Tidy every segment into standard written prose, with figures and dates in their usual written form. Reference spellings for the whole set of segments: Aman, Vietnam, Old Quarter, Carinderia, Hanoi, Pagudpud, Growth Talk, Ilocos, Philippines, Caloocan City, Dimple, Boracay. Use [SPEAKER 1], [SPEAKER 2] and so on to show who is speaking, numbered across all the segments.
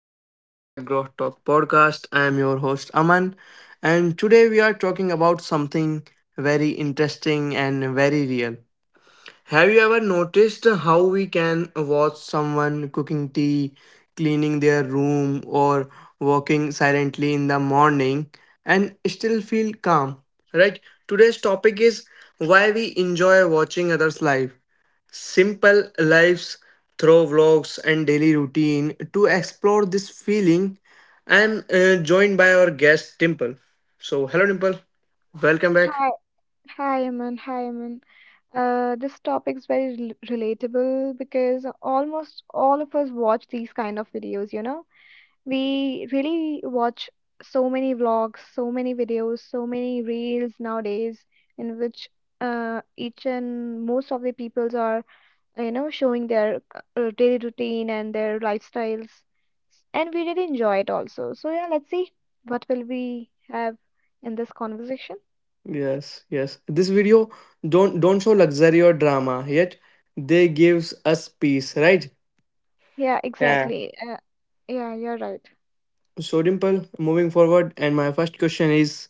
[SPEAKER 1] welcome back to the Growth Talk podcast. I am your host Aman, and today we are talking about something very interesting and very real. Have you ever noticed how we can watch someone cooking tea, cleaning their room, or walking silently in the morning and still feel calm? Right? Today's topic is why we enjoy watching others' life. Simple lives through vlogs and daily routine. To explore this feeling, I am joined by our guest Dimple. So, hello Dimple, welcome back.
[SPEAKER 2] Hi, hi, Aman. Hi, Aman. This topic is very relatable because almost all of us watch these kind of videos, you know. We really watch so many vlogs, so many videos, so many reels nowadays in which uh, each and most of the peoples are, you know, showing their daily routine and their lifestyles. And we really enjoy it also. So yeah, let's see what will we have in this conversation.
[SPEAKER 1] Yes, yes. This video don't show luxury or drama, yet they gives us peace, right?
[SPEAKER 2] Yeah,
[SPEAKER 1] Yeah.
[SPEAKER 2] exactly. Yeah, you're right.
[SPEAKER 1] So Dimple, moving forward, and my first question is,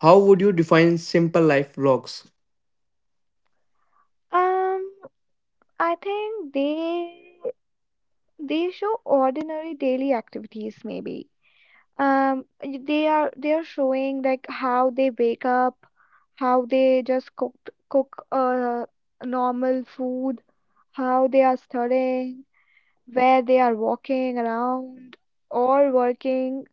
[SPEAKER 1] how would you define simple life vlogs?
[SPEAKER 2] Um, I think they show ordinary daily activities maybe. They are showing like how they wake up, how they just cook normal food, how they are studying, where they are walking around or working.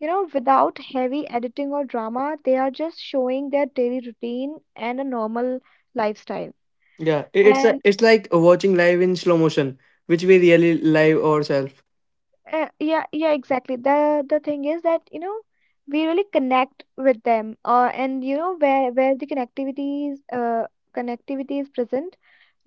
[SPEAKER 2] You know, without heavy editing or drama, they are just showing their daily routine and a normal lifestyle.
[SPEAKER 1] Yeah,
[SPEAKER 2] And
[SPEAKER 1] it's like watching live in slow motion, which we really live ourselves.
[SPEAKER 2] yeah, exactly. The thing is that, you know, we really connect with them, and you know where the connectivity is present,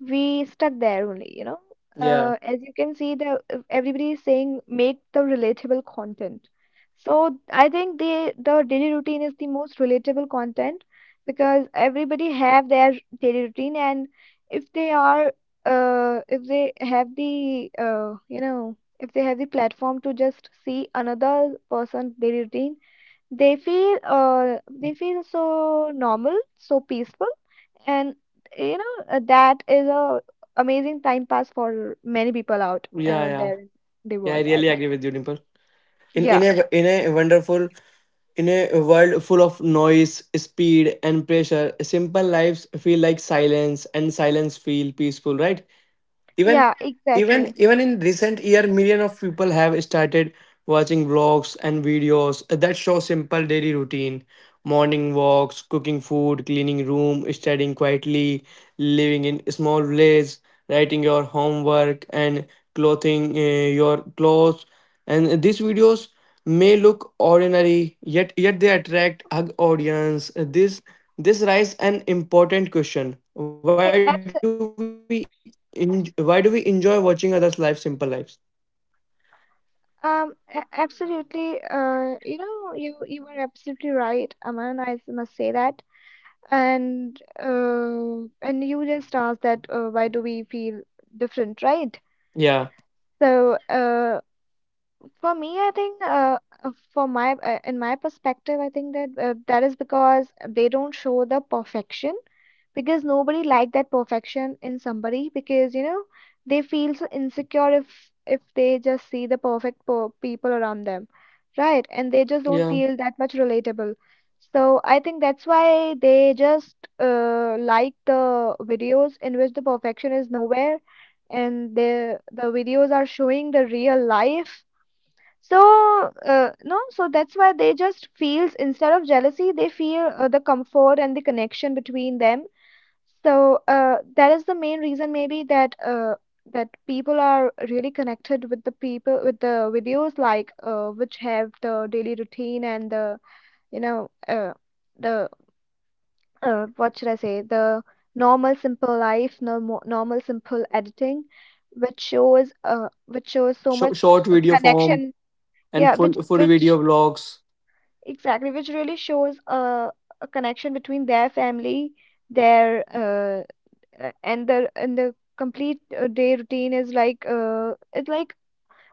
[SPEAKER 2] we stuck there only, you know.
[SPEAKER 1] Yeah,
[SPEAKER 2] As you can see, the everybody is saying make the relatable content. So I think the daily routine is the most relatable content because everybody have their daily routine, and if they are if they have the you know if they have the platform to just see another person daily routine they feel uh, they feel so normal, so peaceful, and you know, that is a amazing time pass for many people out
[SPEAKER 1] yeah, yeah,
[SPEAKER 2] there in the
[SPEAKER 1] yeah. I
[SPEAKER 2] world, I
[SPEAKER 1] really
[SPEAKER 2] think.
[SPEAKER 1] agree with you, Dimple. In in
[SPEAKER 2] Yeah,
[SPEAKER 1] a in a wonderful In a world full of noise, speed, and pressure, simple lives feel like silence, and silence feel peaceful, right? Even
[SPEAKER 2] yeah,
[SPEAKER 1] even
[SPEAKER 2] exactly.
[SPEAKER 1] even in recent year million of people have started watching vlogs and videos that show simple daily routine, morning walks, cooking food, cleaning room, studying quietly, living in small village, writing your homework, and clothing your clothes. And these videos may look ordinary, yet they attract a audience. This raises an important question:
[SPEAKER 2] Eh, abs
[SPEAKER 1] why do we enjoy watching others lives, simple lives?
[SPEAKER 2] um absolutely, you know, you were absolutely right, Aman, I must say that. And and you just asked that, why do we feel different, right?
[SPEAKER 1] Yeah,
[SPEAKER 2] So for me, I think, for my in my perspective, I think that, that is because they don't show the perfection, because nobody like that perfection in somebody, because you know they feel so insecure if they just see the people around them, right, and they just don't
[SPEAKER 1] yeah.
[SPEAKER 2] feel that much relatable. So I think that's why they just like the videos in which the perfection is nowhere, and the videos are showing the real life. So no so that's why they just feels instead of jealousy they feel the comfort and the connection between them. So that is the main reason maybe, that that people are really connected with the people with the videos like, which have the daily routine and the, you know, the what should I say, the normal simple life, normal simple editing, which shows, which shows so
[SPEAKER 1] Short,
[SPEAKER 2] much
[SPEAKER 1] short video form
[SPEAKER 2] connection.
[SPEAKER 1] and
[SPEAKER 2] Yeah,
[SPEAKER 1] full
[SPEAKER 2] which
[SPEAKER 1] full video
[SPEAKER 2] which
[SPEAKER 1] vlogs.
[SPEAKER 2] exactly, which really shows a connection between their family, their, and the complete day routine is like, it's like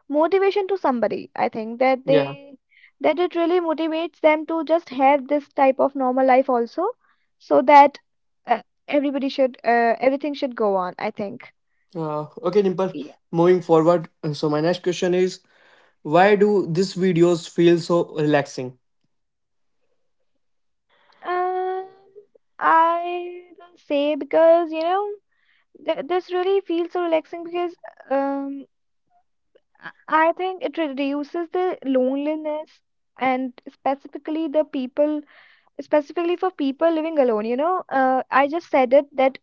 [SPEAKER 2] motivation to somebody, I think, that
[SPEAKER 1] Yeah.
[SPEAKER 2] they that it really motivates them to just have this type of normal life also. So that uh, everybody should everything should go on, I think.
[SPEAKER 1] Okay, Dimple.
[SPEAKER 2] Yeah.
[SPEAKER 1] Moving forward, so my next question is, why do these videos feel so relaxing?
[SPEAKER 2] um I will say because you know this really feels so relaxing because um i I think it reduces the loneliness, and specifically the people specifically for people living alone, you know, I just said it that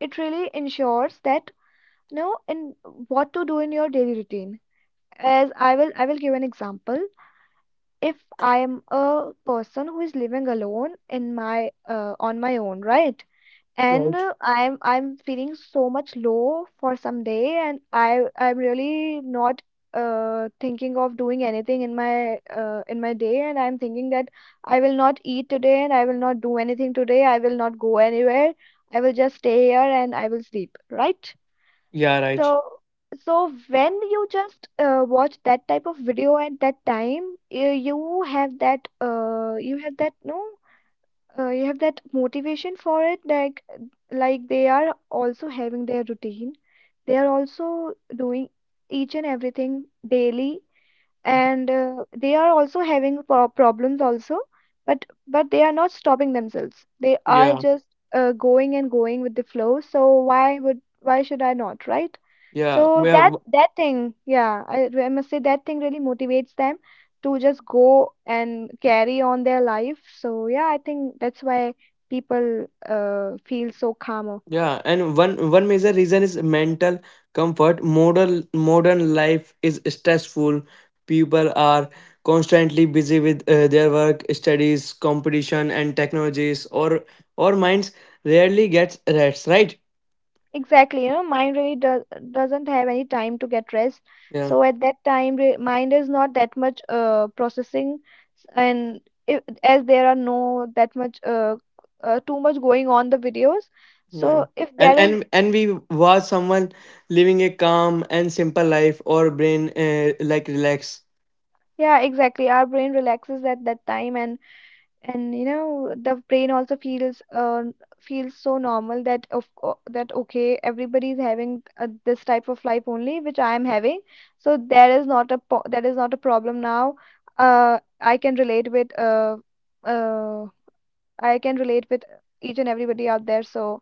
[SPEAKER 2] it really ensures that you know in what to do in your daily routine. As I will, give an example. If I am a person who is living alone in my on my own, right, and
[SPEAKER 1] Right.
[SPEAKER 2] I'm feeling so much low for some day, and I'm really not thinking of doing anything in my day, and I'm thinking that I will not eat today, and I will not do anything today, I will not go anywhere, I will just stay here, and I will sleep, right.
[SPEAKER 1] Yeah. Right.
[SPEAKER 2] So so when you just watch that type of video at that time, you have that no you have that motivation for it, like they are also having their routine, they are also doing each and everything daily, and they are also having problems also, but they are not stopping themselves, they are
[SPEAKER 1] Yeah.
[SPEAKER 2] just going and going with the flow, so why should I not, right?
[SPEAKER 1] Yeah.
[SPEAKER 2] So that
[SPEAKER 1] Well.
[SPEAKER 2] that thing, yeah, I must say that thing really motivates them to just go and carry on their life. So yeah, I think that's why people feel so calm.
[SPEAKER 1] Yeah, and one one major reason is mental comfort. Modern modern life is stressful. People are constantly busy with their work, studies, competition, and technologies. Or minds rarely gets rest. Right?
[SPEAKER 2] Exactly, you know, mind really doesn't have any time to get rest.
[SPEAKER 1] Yeah,
[SPEAKER 2] So at that time, re mind is not that much processing, and if, as there are no that much, too much going on the videos,
[SPEAKER 1] yeah.
[SPEAKER 2] so if there is,
[SPEAKER 1] And we watch someone living a calm and simple life, or brain like relax.
[SPEAKER 2] yeah, exactly, our brain relaxes at that time, and you know the brain also feels feels so normal that that okay, everybody is having, this type of life only, which I am having. So there is not a po that is not a problem now. I can relate with uh, I can relate with each and everybody out there. So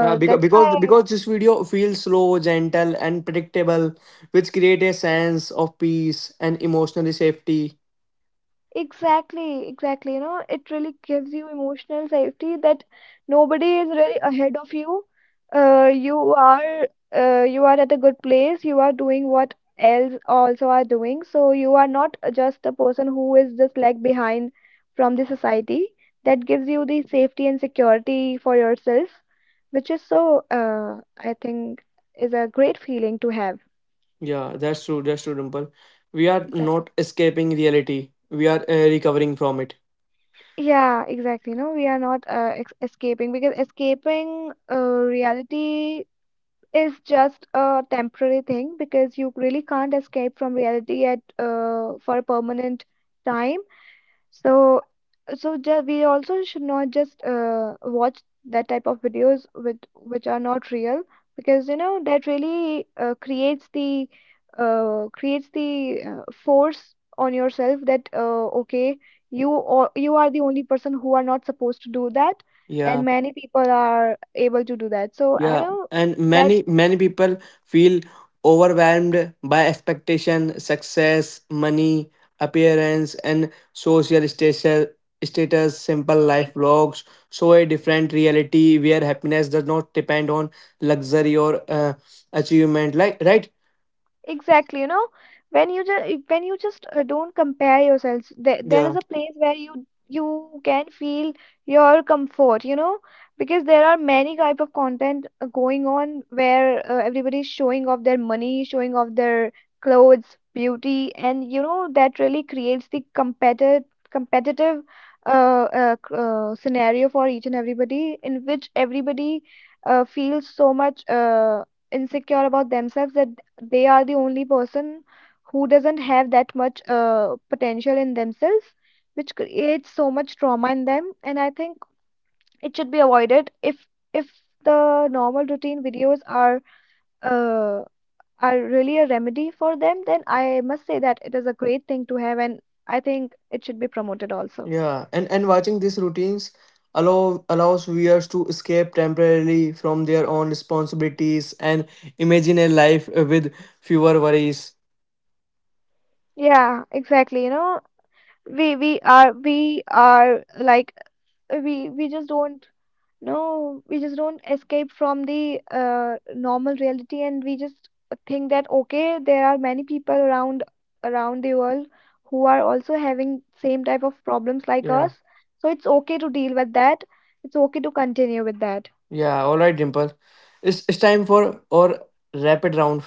[SPEAKER 1] Yeah, because
[SPEAKER 2] that's why.
[SPEAKER 1] because because this video feels slow, gentle, and predictable, which create a sense of peace and emotional safety.
[SPEAKER 2] Exactly, exactly. You know, it really gives you emotional safety that nobody is really ahead of you. Uh, you are you are at a good place. You are doing what else also are doing. So you are not just a person who is just like behind from the society. That gives you the safety and security for yourself, which is so, I think, is a great feeling to have.
[SPEAKER 1] Yeah, that's true. That's true, Dimple. We are
[SPEAKER 2] Exactly.
[SPEAKER 1] not escaping reality. We are recovering from it.
[SPEAKER 2] Yeah, exactly. No, we are not ex escaping, because escaping reality is just a temporary thing, because you really can't escape from reality at for a permanent time. So, so we also should not just watch that type of videos with which are not real, because you know that really creates the force on yourself that, okay, you or you are the only person who are not supposed to do that, and
[SPEAKER 1] Yeah.
[SPEAKER 2] many people are able to do that. So I
[SPEAKER 1] Yeah,
[SPEAKER 2] know
[SPEAKER 1] and
[SPEAKER 2] that.
[SPEAKER 1] many people feel overwhelmed by expectation, success, money, appearance, and social status. Status, simple life vlogs show a different reality where happiness does not depend on luxury or achievement. Like, right?
[SPEAKER 2] Exactly, you know, when you just don't compare yourselves, there is
[SPEAKER 1] Yeah,
[SPEAKER 2] a place where you can feel your comfort, you know, because there are many type of content going on where, everybody is showing off their money, showing off their clothes, beauty, and you know that really creates the competitive, scenario for each and everybody, in which everybody, feels so much insecure about themselves, that they are the only person who doesn't have that much potential in themselves, which creates so much trauma in them, and I think it should be avoided. If the normal routine videos are, uh, are really a remedy for them, then I must say that it is a great thing to have, and I think it should be promoted also.
[SPEAKER 1] yeah. And watching these routines allows viewers to escape temporarily from their own responsibilities and imagine a life with fewer worries.
[SPEAKER 2] Yeah, exactly, you know, we are like we just don't. No, we just don't escape from the normal reality, and we just think that okay, there are many people around the world who are also having same type of problems like
[SPEAKER 1] Yeah.
[SPEAKER 2] us. So it's okay to deal with that. It's okay to continue with that.
[SPEAKER 1] Yeah, all right, Dimple. It's time for our rapid round,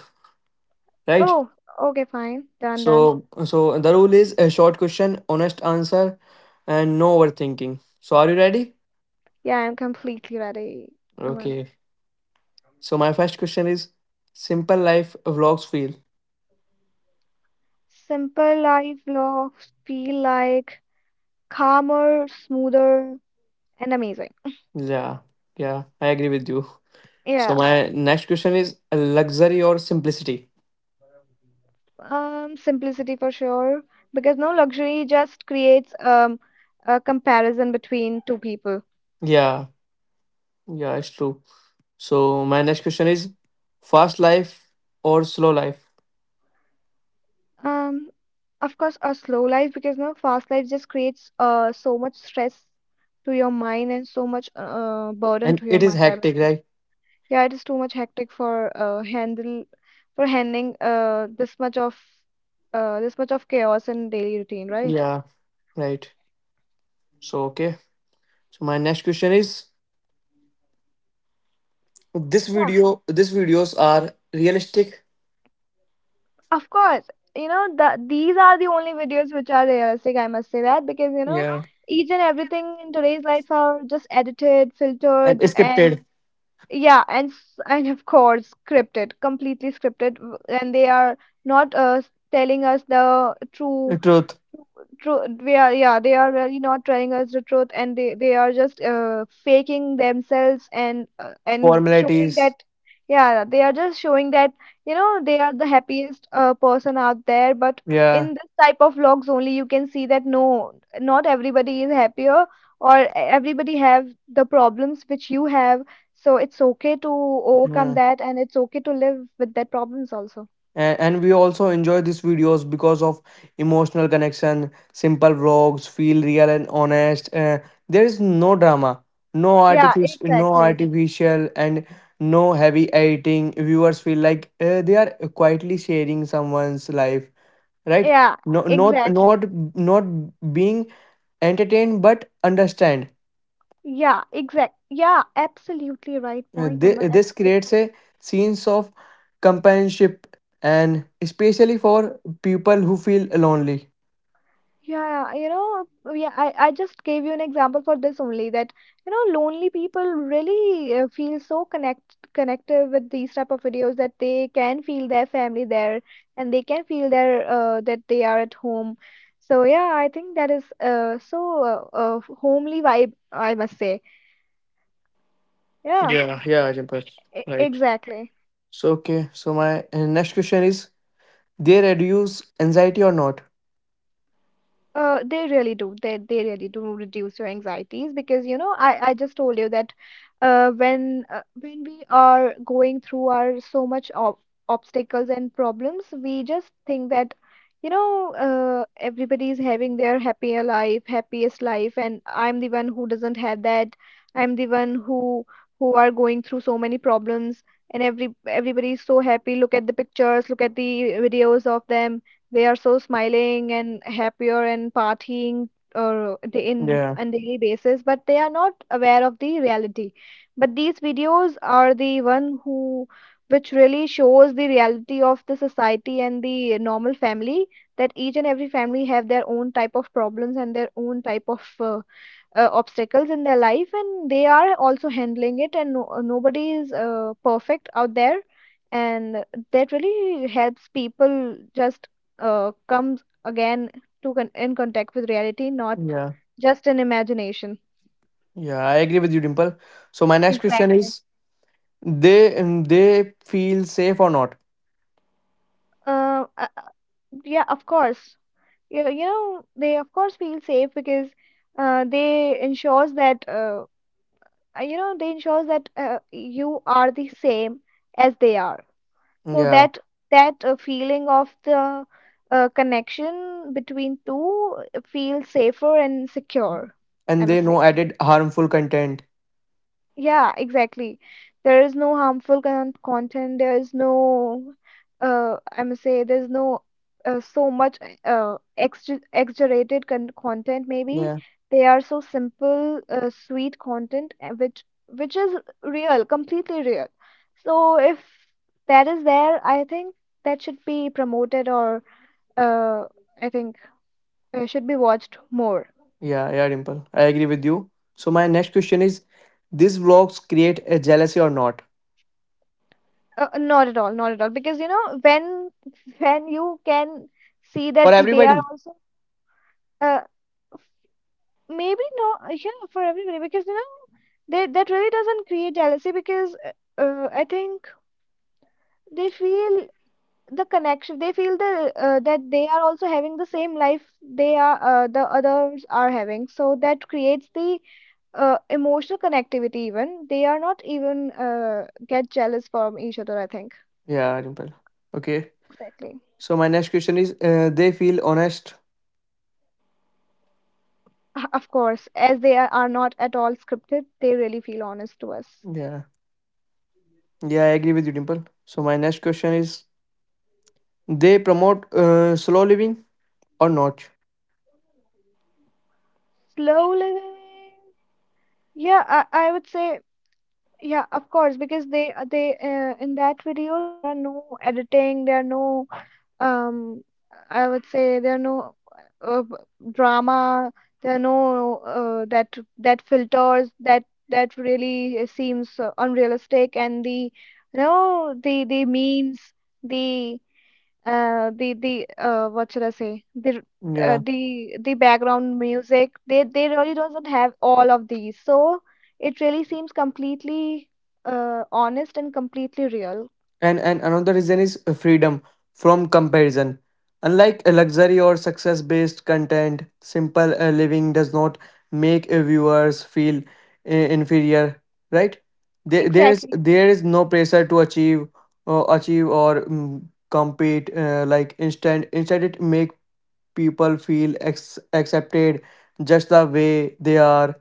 [SPEAKER 1] right?
[SPEAKER 2] Oh, okay, fine, done, done.
[SPEAKER 1] So so the rule is a short question, honest answer, and no overthinking. So are you ready?
[SPEAKER 2] Yeah, I'm completely ready. I mean,
[SPEAKER 1] Okay. So my first question is, simple life vlogs feel.
[SPEAKER 2] simple life vlogs feel like calmer, smoother, and amazing.
[SPEAKER 1] Yeah, yeah, I agree with you. So
[SPEAKER 2] Yeah.
[SPEAKER 1] my next question is, luxury or simplicity.
[SPEAKER 2] Simplicity for sure, because no luxury just creates, a comparison between two people.
[SPEAKER 1] Yeah, yeah, it's true. So my next question is, fast life or slow life,
[SPEAKER 2] Um, of course, a slow life, because no fast life just creates, so much stress to your mind, and so much burden
[SPEAKER 1] and
[SPEAKER 2] to your
[SPEAKER 1] it is
[SPEAKER 2] mind, I
[SPEAKER 1] hectic,
[SPEAKER 2] must say.
[SPEAKER 1] right?
[SPEAKER 2] Yeah, it is too much hectic for handle for handling, this much of chaos in daily routine, right?
[SPEAKER 1] Yeah, right. So okay. So my next question is, this
[SPEAKER 2] Yeah.
[SPEAKER 1] video these videos are realistic.
[SPEAKER 2] Of course, you know these are the only videos which are realistic. I must say that because you know
[SPEAKER 1] Yeah.
[SPEAKER 2] each and everything in today's life are just edited,
[SPEAKER 1] And
[SPEAKER 2] filtered, and
[SPEAKER 1] scripted.
[SPEAKER 2] yeah, and and of course scripted, completely scripted, and they are not, telling us the true.
[SPEAKER 1] Truth.
[SPEAKER 2] True, they are, yeah, they are really not telling us the truth, and they are just faking themselves, and showing
[SPEAKER 1] Formalities.
[SPEAKER 2] that, yeah, they are just showing that you know they are the happiest, person out there. But
[SPEAKER 1] Yeah.
[SPEAKER 2] in this type of vlogs only, you can see that no, not everybody is happier, or everybody have the problems which you have. So it's okay to overcome
[SPEAKER 1] Yeah.
[SPEAKER 2] that, and it's okay to live with that problems also.
[SPEAKER 1] And we also enjoy these videos because of emotional connection, simple vlogs feel real and honest. There is no drama, no
[SPEAKER 2] Yeah,
[SPEAKER 1] artificial, no
[SPEAKER 2] exactly.
[SPEAKER 1] artificial, and no heavy editing. Viewers feel like they are quietly sharing someone's life, right?
[SPEAKER 2] Yeah,
[SPEAKER 1] No, not
[SPEAKER 2] exactly.
[SPEAKER 1] not not being entertained but understand.
[SPEAKER 2] Yeah, exact. Yeah, absolutely right point, Amar.
[SPEAKER 1] This
[SPEAKER 2] Absolutely.
[SPEAKER 1] creates a sense of companionship and especially for people who feel lonely.
[SPEAKER 2] Yeah, yeah, I just gave you an example for this only that, lonely people really feel so connected with these type of videos that they can feel their family there, and they can feel their that they are at home. So yeah, I think that is homely vibe, I must say. Yeah,
[SPEAKER 1] Yeah, yeah, Ajimpat. Right.
[SPEAKER 2] exactly.
[SPEAKER 1] So okay, so my next question is, they reduce anxiety or not?
[SPEAKER 2] They really do. They really do reduce your anxieties because you know, I just told you that when when we are going through our so much ob obstacles and problems, we just think that you know, everybody is having their happier life, happiest life, and I'm the one who doesn't have that. I'm the one who are going through so many problems, and everybody is so happy. Look at the pictures, look at the videos of them. They are so smiling and happier and partying or day in
[SPEAKER 1] Yeah,
[SPEAKER 2] on daily basis, but they are not aware of the reality. But these videos are the one who which really shows the reality of the society and the normal family, that each and every family have their own type of problems and their own type of obstacles in their life, and they are also handling it, and no, nobody is perfect out there. And that really helps people just comes again to in contact with reality, not
[SPEAKER 1] yeah,
[SPEAKER 2] just in imagination.
[SPEAKER 1] yeah, I agree with you, Dimple. So my next question
[SPEAKER 2] Exactly.
[SPEAKER 1] is, they they feel safe or not?
[SPEAKER 2] Uh, uh, uh, yeah, of course. You know, they of course feel safe because they ensures that you know they ensures that you are the same as they are. So
[SPEAKER 1] Yeah,
[SPEAKER 2] that feeling of the connection between two feels safer and secure, I
[SPEAKER 1] and they
[SPEAKER 2] must
[SPEAKER 1] know
[SPEAKER 2] say.
[SPEAKER 1] added harmful content.
[SPEAKER 2] Yeah, exactly. There is no harmful content. There is no, I must say, there's no so much extra exaggerated content. Maybe they are so simple, sweet content, which is real, completely real. So if that is there, I think that should be promoted, or uh, I think should be watched more.
[SPEAKER 1] Yeah, yeah, Dimple. I agree with you. So my next question is, these vlogs create a jealousy or not
[SPEAKER 2] Not at all, not at all. Because you know, when you can see
[SPEAKER 1] for
[SPEAKER 2] that they are
[SPEAKER 1] everybody?
[SPEAKER 2] also uh, maybe not yeah, for everybody, because you know they that really doesn't create jealousy, because I think they feel the connection. They feel the that they are also having the same life they are the others are having. So that creates the emotional connectivity. Even they are not even get jealous from each other. I think
[SPEAKER 1] Yeah, Dimple. Okay.
[SPEAKER 2] exactly.
[SPEAKER 1] So my next question is, they feel honest.
[SPEAKER 2] Of course, as they are not at all scripted, they really feel honest to us.
[SPEAKER 1] Yeah, yeah, I agree with you, Dimple. So my next question is, they promote slow living or not?
[SPEAKER 2] Slow living. Yeah, I would say yeah, of course, because they in that videos there are no editing, there are no um I would say there are no uh, b- drama, there are no that that filters that that really seems unrealistic, and the you know the memes, the what should I say,
[SPEAKER 1] Yeah.
[SPEAKER 2] the background music, they really doesn't have all of these. So it really seems completely honest and completely real.
[SPEAKER 1] And another reason is freedom from comparison. Unlike a luxury or success based content, simple living does not make viewers feel inferior, right? there, there is
[SPEAKER 2] Exactly.
[SPEAKER 1] there is no pressure to achieve uh, achieve or mm, compete, like. Instant instead it make people feel accepted just the way they are.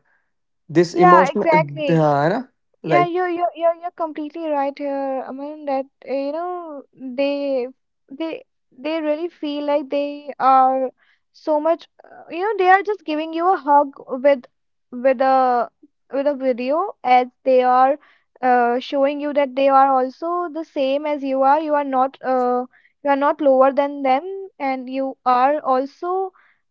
[SPEAKER 1] This
[SPEAKER 2] Yeah,
[SPEAKER 1] emotion,
[SPEAKER 2] exactly.
[SPEAKER 1] right?
[SPEAKER 2] Yeah, you're completely right here. I mean that you know they they really feel like they are so much you know they are just giving you a hug with with a with a video, as they are showing you that they are also the same as you are. You are not lower than them, and you are also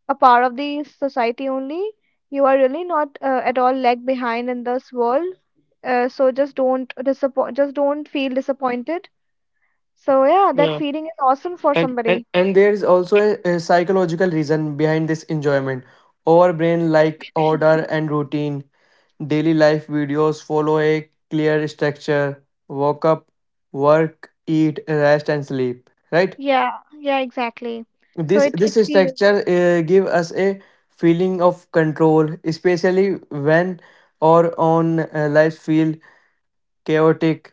[SPEAKER 2] a part of the society only. You are really not at all lag behind in this world, so just don't disappoint, just don't feel disappointed. So yeah, that
[SPEAKER 1] Yeah.
[SPEAKER 2] feeling is awesome for
[SPEAKER 1] And
[SPEAKER 2] somebody.
[SPEAKER 1] and there is also a psychological reason behind this enjoyment. Our brain like order and routine. Daily life videos follow a clear structure: wake up, work, eat, rest, and sleep, right?
[SPEAKER 2] Yeah, yeah, exactly. So
[SPEAKER 1] this
[SPEAKER 2] it
[SPEAKER 1] this
[SPEAKER 2] it feels
[SPEAKER 1] structure give us a feeling of control, especially when our own life feel chaotic.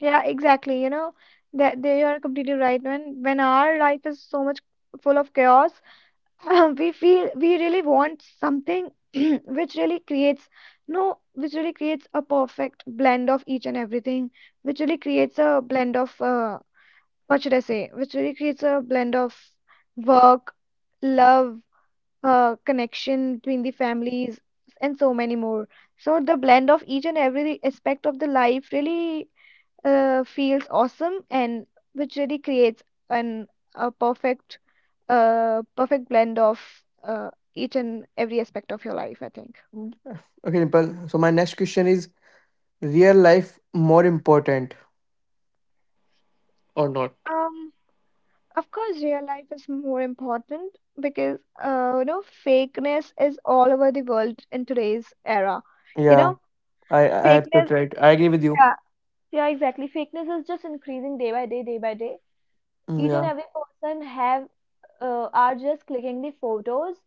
[SPEAKER 2] yeah, exactly. You know that they are completely right. When our life is so much full of chaos, we feel we really want something which really creates no, which really creates a perfect blend of each and everything, which really creates a blend of what should I say, which really creates a blend of work, love, connection between the families, and so many more. So the blend of each and every aspect of the life really feels awesome, and which really creates an a perfect perfect blend of each and every aspect of your life, I think.
[SPEAKER 1] Okay Nipal. So my next question is, real life more important or not?
[SPEAKER 2] Um, Of course, real life is more important because you know fakeness is all over the world in today's era. You
[SPEAKER 1] Yeah,
[SPEAKER 2] know,
[SPEAKER 1] I
[SPEAKER 2] fakeness,
[SPEAKER 1] absolutely right. I agree with you.
[SPEAKER 2] yeah. Yeah, exactly. Fakeness is just increasing day by day, day by day. Each and
[SPEAKER 1] Yeah,
[SPEAKER 2] every person have are just clicking the photos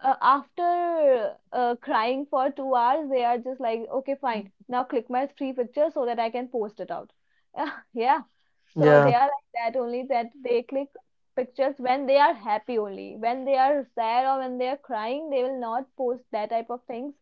[SPEAKER 2] after crying for 2 hours. They are just like okay fine, now click my three pictures so that I can post it out. Yeah. So they
[SPEAKER 1] yeah,
[SPEAKER 2] are like that only, that they click pictures when they are happy. Only when they are sad or when they are crying they will not post that type of things,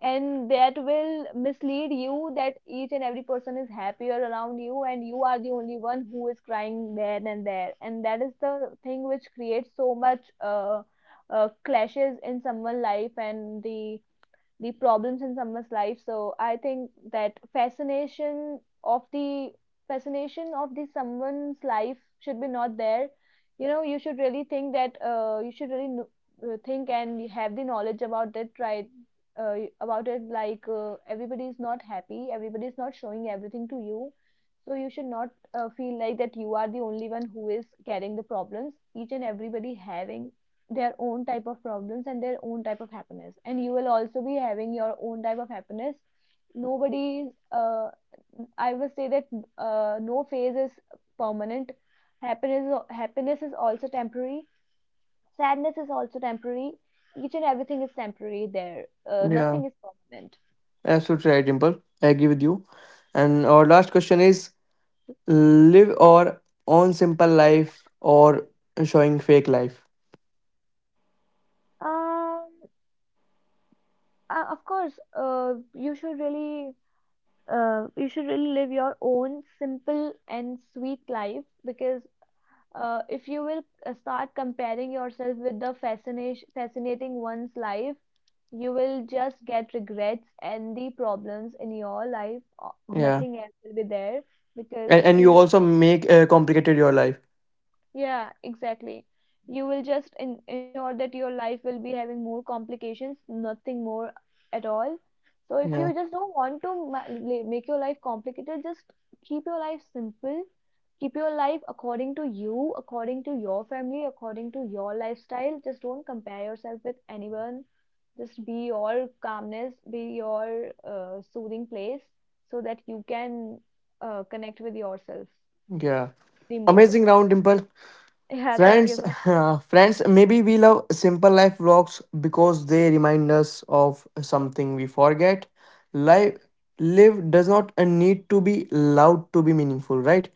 [SPEAKER 2] and that will mislead you that each and every person is happier around you and you are the only one who is crying there and there. And that is the thing which creates so much clashes in someone's life, and the problems in someone's life. So I think that fascination of the someone's life should be not there. You know, you should really think that you should really think and have the knowledge about it, right? About it, like everybody is not happy, everybody is not showing everything to you. So you should not feel like that you are the only one who is carrying the problems. Each and everybody having their own type of problems and their own type of happiness, and you will also be having your own type of happiness. Nobody's I will say that no phase is permanent. Happiness happiness is also temporary, sadness is also temporary, each and everything is temporary there.
[SPEAKER 1] yeah.
[SPEAKER 2] Nothing is permanent.
[SPEAKER 1] Absolutely right, Dimple. I agree with you. And our last question is: live or own simple life or showing fake life?
[SPEAKER 2] um of course, you should really live your own simple and sweet life, because if you will start comparing yourself with the fascination fascinating one's life, you will just get regrets and the problems in your life.
[SPEAKER 1] Yeah,
[SPEAKER 2] Nothing else will be there, because
[SPEAKER 1] and
[SPEAKER 2] you
[SPEAKER 1] you
[SPEAKER 2] know,
[SPEAKER 1] also make complicated your life.
[SPEAKER 2] yeah, exactly. You will just in ensure that your life will be having more complications, nothing more at all. So if
[SPEAKER 1] Yeah,
[SPEAKER 2] you just don't want to make your life complicated, just keep your life simple. Keep your life according to you, according to your family, according to your lifestyle. Just don't compare yourself with anyone. Just be your calmness, be your soothing place so that you can connect with yourself
[SPEAKER 1] yeah.
[SPEAKER 2] the more.
[SPEAKER 1] Amazing round, Dimple.
[SPEAKER 2] Yeah, I
[SPEAKER 1] Friends,
[SPEAKER 2] guess so.
[SPEAKER 1] friends, maybe we love simple life vlogs because they remind us of something we forget. Life Live does not need to be loud to be meaningful, right?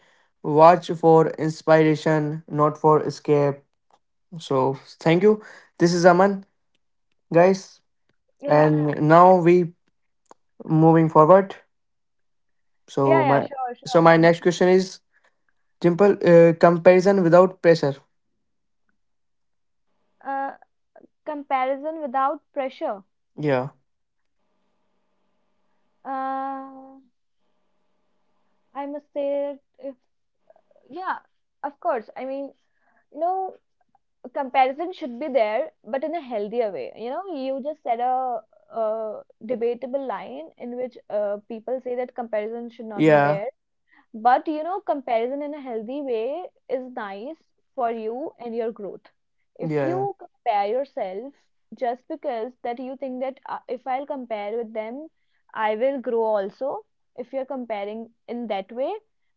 [SPEAKER 1] Watch for inspiration, not for escape. So thank you. This is Aman, guys,
[SPEAKER 2] Yeah.
[SPEAKER 1] and now we moving forward. So
[SPEAKER 2] Yeah, yeah,
[SPEAKER 1] my
[SPEAKER 2] sure,
[SPEAKER 1] so
[SPEAKER 2] sure.
[SPEAKER 1] my next question is, simple comparison without pressure.
[SPEAKER 2] Uh, comparison without pressure.
[SPEAKER 1] Yeah,
[SPEAKER 2] Uh, I must say, if yeah, of course. I mean, you know, comparison should be there, but in a healthier way. You know, you just said a debatable line in which people say that comparison should not be
[SPEAKER 1] yeah,
[SPEAKER 2] there, but you know, comparison in a healthy way is nice for you and your growth. If
[SPEAKER 1] yeah, yeah,
[SPEAKER 2] you compare yourself just because that you think that if I'll compare with them, I will grow also. If you're comparing in that way,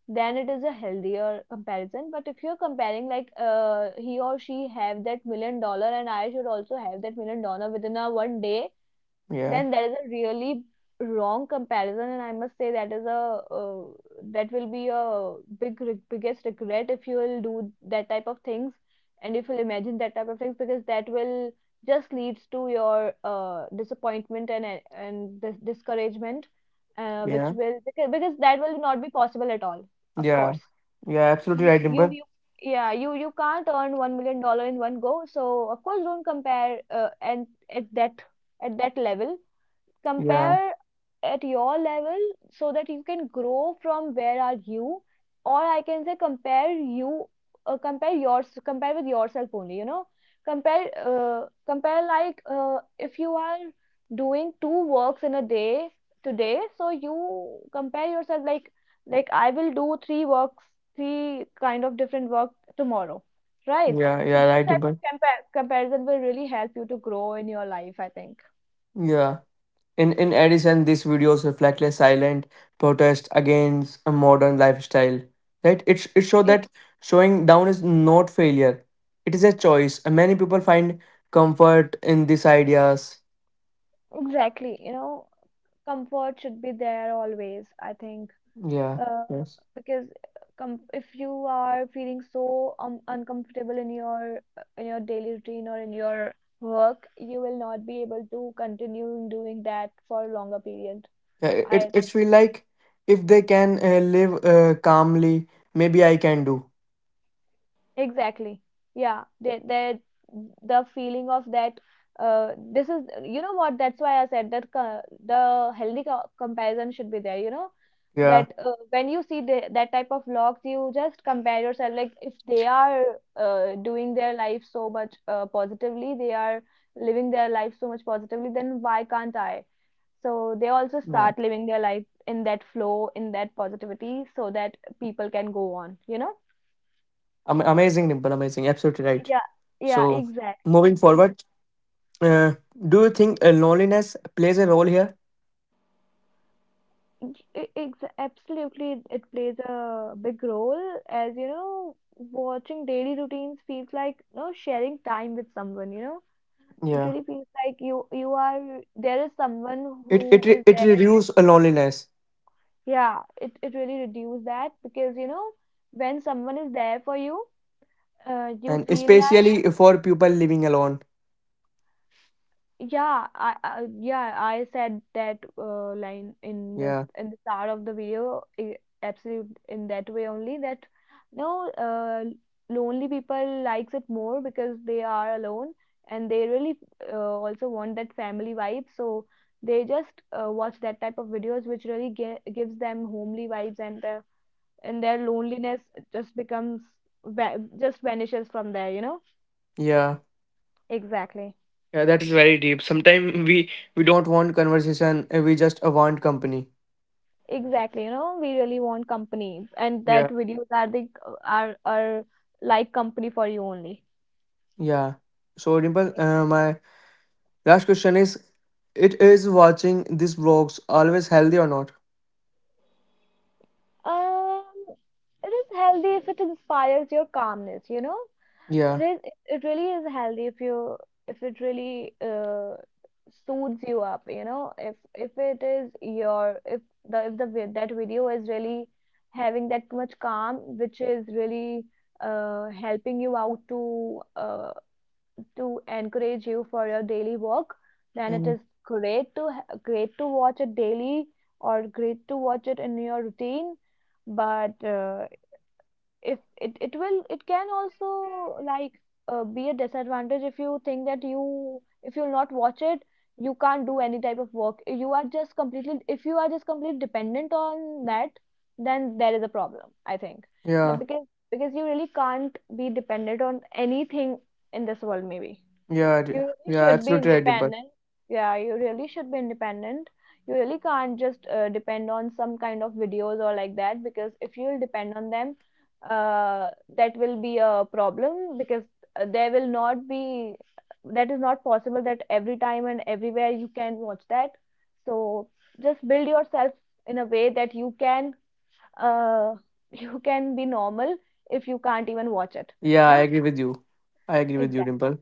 [SPEAKER 2] then it is a healthier comparison. But if you're comparing like he or she have that million dollar and I should also have that million dollar within a one day,
[SPEAKER 1] yeah.
[SPEAKER 2] then that is a really wrong comparison, and I must say that is a, uh, that will be a big re- biggest regret if you will do that type of things, and if you'll imagine that type of things, because that will just leads to your disappointment and discouragement, which
[SPEAKER 1] Yeah.
[SPEAKER 2] will, because that will not be possible at all, of
[SPEAKER 1] Yeah,
[SPEAKER 2] course.
[SPEAKER 1] yeah, absolutely right,
[SPEAKER 2] you
[SPEAKER 1] Dimple.
[SPEAKER 2] you Yeah, you can't earn $1 million in one go. So of course don't compare, and at that at that level,
[SPEAKER 1] Yeah,
[SPEAKER 2] compare at your level so that you can grow from where are you. Or I can say, compare you, compare yours, compare with yourself only, you know. Compare like, if you are doing two works in a day today, so you compare yourself like, I will do three works, three kind of different work tomorrow, right?
[SPEAKER 1] yeah,
[SPEAKER 2] So
[SPEAKER 1] yeah,
[SPEAKER 2] this
[SPEAKER 1] right,
[SPEAKER 2] type of
[SPEAKER 1] Dimple.
[SPEAKER 2] comparison will really help you to grow in your life, I think.
[SPEAKER 1] Yeah. In addition, these videos reflect a silent protest against a modern lifestyle. Right? It show that showing down is not failure. It is a choice. And many people find comfort in these ideas.
[SPEAKER 2] Exactly, you know, comfort should be there always, I think,
[SPEAKER 1] Yeah.
[SPEAKER 2] uh,
[SPEAKER 1] Yes.
[SPEAKER 2] because com if you are feeling so uncomfortable in your, in your daily routine or in your work, you will not be able to continue doing that for a longer period.
[SPEAKER 1] Yeah,
[SPEAKER 2] I
[SPEAKER 1] it's
[SPEAKER 2] think.
[SPEAKER 1] feel like if they can live calmly, maybe I can do.
[SPEAKER 2] Exactly. Yeah. That the feeling of that, this is, you know what, that's why I said that, the healthy, co comparison should be there, you know, that
[SPEAKER 1] Yeah.
[SPEAKER 2] when you see that type of vlogs, you just compare yourself like, if they are doing their life so much positively, they are living their life so much positively, then why can't I? So they also start living their life
[SPEAKER 1] Yeah.
[SPEAKER 2] in that flow, in that positivity, so that people can go on, you know?
[SPEAKER 1] Amazing, Dimple. Amazing. Absolutely right.
[SPEAKER 2] Yeah, yeah,
[SPEAKER 1] So,
[SPEAKER 2] exactly.
[SPEAKER 1] moving forward, uh, do you think loneliness plays a role here?
[SPEAKER 2] Absolutely, it plays a big role. As you know, watching daily routines feels like, sharing time with someone. It really
[SPEAKER 1] Yeah,
[SPEAKER 2] feels like you are, there is someone who is
[SPEAKER 1] it
[SPEAKER 2] there.
[SPEAKER 1] reduces loneliness,
[SPEAKER 2] Yeah, it really reduces that, because you know, when someone is there for you, you
[SPEAKER 1] and
[SPEAKER 2] feel like.
[SPEAKER 1] especially for people living alone.
[SPEAKER 2] Yeah, I yeah, I said that line in the,
[SPEAKER 1] Yeah,
[SPEAKER 2] start of the video. I absolute, in that way only, that no, lonely people likes it more because they are alone and they really, also want that family vibe. So they just watch that type of videos, which really ge gives them homely vibes, and their loneliness just becomes, va just vanishes from there, you know?
[SPEAKER 1] yeah,
[SPEAKER 2] Exactly.
[SPEAKER 1] yeah. That is very deep. Sometimes we don't want conversation. We just want company.
[SPEAKER 2] Exactly, you know, we really want company, and that
[SPEAKER 1] Yeah,
[SPEAKER 2] videos are the are like company for you only.
[SPEAKER 1] yeah. So, Dimple, my last question is: it is watching these vlogs always healthy or not?
[SPEAKER 2] Um, it is healthy if it inspires your calmness, you know. It
[SPEAKER 1] Yeah.
[SPEAKER 2] is it it really is healthy if you, if it really suits you up, you know. If it is your, if the vi- that video is really having that much calm, which is really helping you out to encourage you for your daily work, then it
[SPEAKER 1] Mm.
[SPEAKER 2] is great to, great to watch it daily, or great to watch it in your routine. But if, it can also like be a disadvantage, if you think that, you if you'll not watch it, you can't do any type of work. You are just completely If you are just completely dependent on that, then there is a problem, I think.
[SPEAKER 1] yeah,
[SPEAKER 2] That, because you really can't be dependent on anything in this world, maybe
[SPEAKER 1] yeah,
[SPEAKER 2] you
[SPEAKER 1] d-
[SPEAKER 2] really
[SPEAKER 1] yeah.
[SPEAKER 2] should be
[SPEAKER 1] Absolutely right, Dimple.
[SPEAKER 2] independent. Yeah, you really should be independent. You really can't just depend on some kind of videos or like that, because if you'll depend on them, uh, that will be a problem, because there will not be, that is not possible that every time and everywhere you can watch that. So just build yourself in a way that, uh, you can be normal if you can't even watch it.
[SPEAKER 1] Yeah, I
[SPEAKER 2] Yeah,
[SPEAKER 1] agree with you. I agree with you,
[SPEAKER 2] exactly.
[SPEAKER 1] Dimple.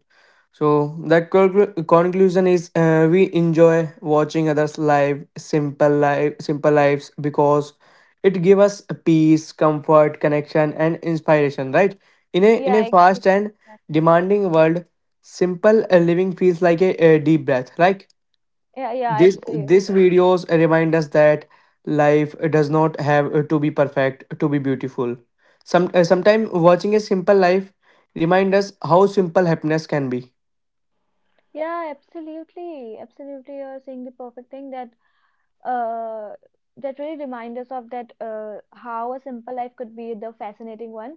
[SPEAKER 1] So that conclusion is, we enjoy watching others live, simple lives, because it gives us peace, comfort, connection and inspiration, right? In
[SPEAKER 2] Yeah,
[SPEAKER 1] a
[SPEAKER 2] exactly.
[SPEAKER 1] fast and demanding world, simple living feels like a deep breath, like.
[SPEAKER 2] Yeah, yeah,
[SPEAKER 1] This
[SPEAKER 2] absolutely.
[SPEAKER 1] this videos remind us that life does not have to be perfect to be beautiful. Sometimes watching a simple life remind us how simple happiness can be.
[SPEAKER 2] Yeah, absolutely. Absolutely. You're saying the perfect thing, that uh that really reminds us of that, how a simple life could be the fascinating one,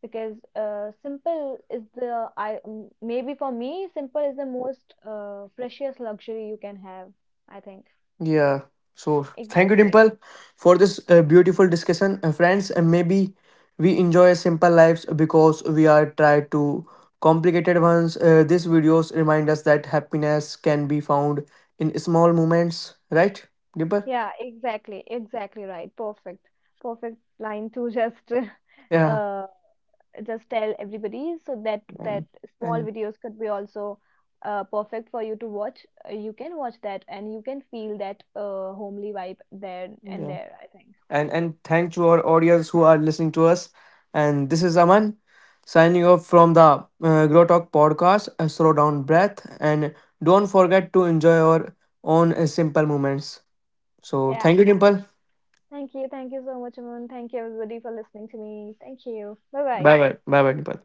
[SPEAKER 2] because simple is the, I maybe for me, simple is the most precious luxury you can have, I think.
[SPEAKER 1] Yeah. So thank you,
[SPEAKER 2] Exactly.
[SPEAKER 1] Dimple, for this beautiful discussion, friends. And maybe we enjoy simple lives because we are try to complicated ones. These videos remind us that happiness can be found in small moments, right, Dimple?
[SPEAKER 2] Yeah, exactly. Exactly right. Perfect. Perfect line to just
[SPEAKER 1] Yeah.
[SPEAKER 2] uh just tell everybody, so that that
[SPEAKER 1] And
[SPEAKER 2] small
[SPEAKER 1] and
[SPEAKER 2] videos could be also perfect for you to watch. You can watch that and you can feel that homely vibe there and
[SPEAKER 1] yeah.
[SPEAKER 2] there, I think.
[SPEAKER 1] And thank to our audience who are listening to us. And this is Aman signing off from the Grow Talk podcast. Slow down breath and don't forget to enjoy your own simple moments. So
[SPEAKER 2] Yeah.
[SPEAKER 1] thank you, Dimple.
[SPEAKER 2] Thank you. Thank you so much, Aman. Thank you, everybody, for listening to me. Thank you. Bye bye.
[SPEAKER 1] Bye bye. Bye bye, Dimple.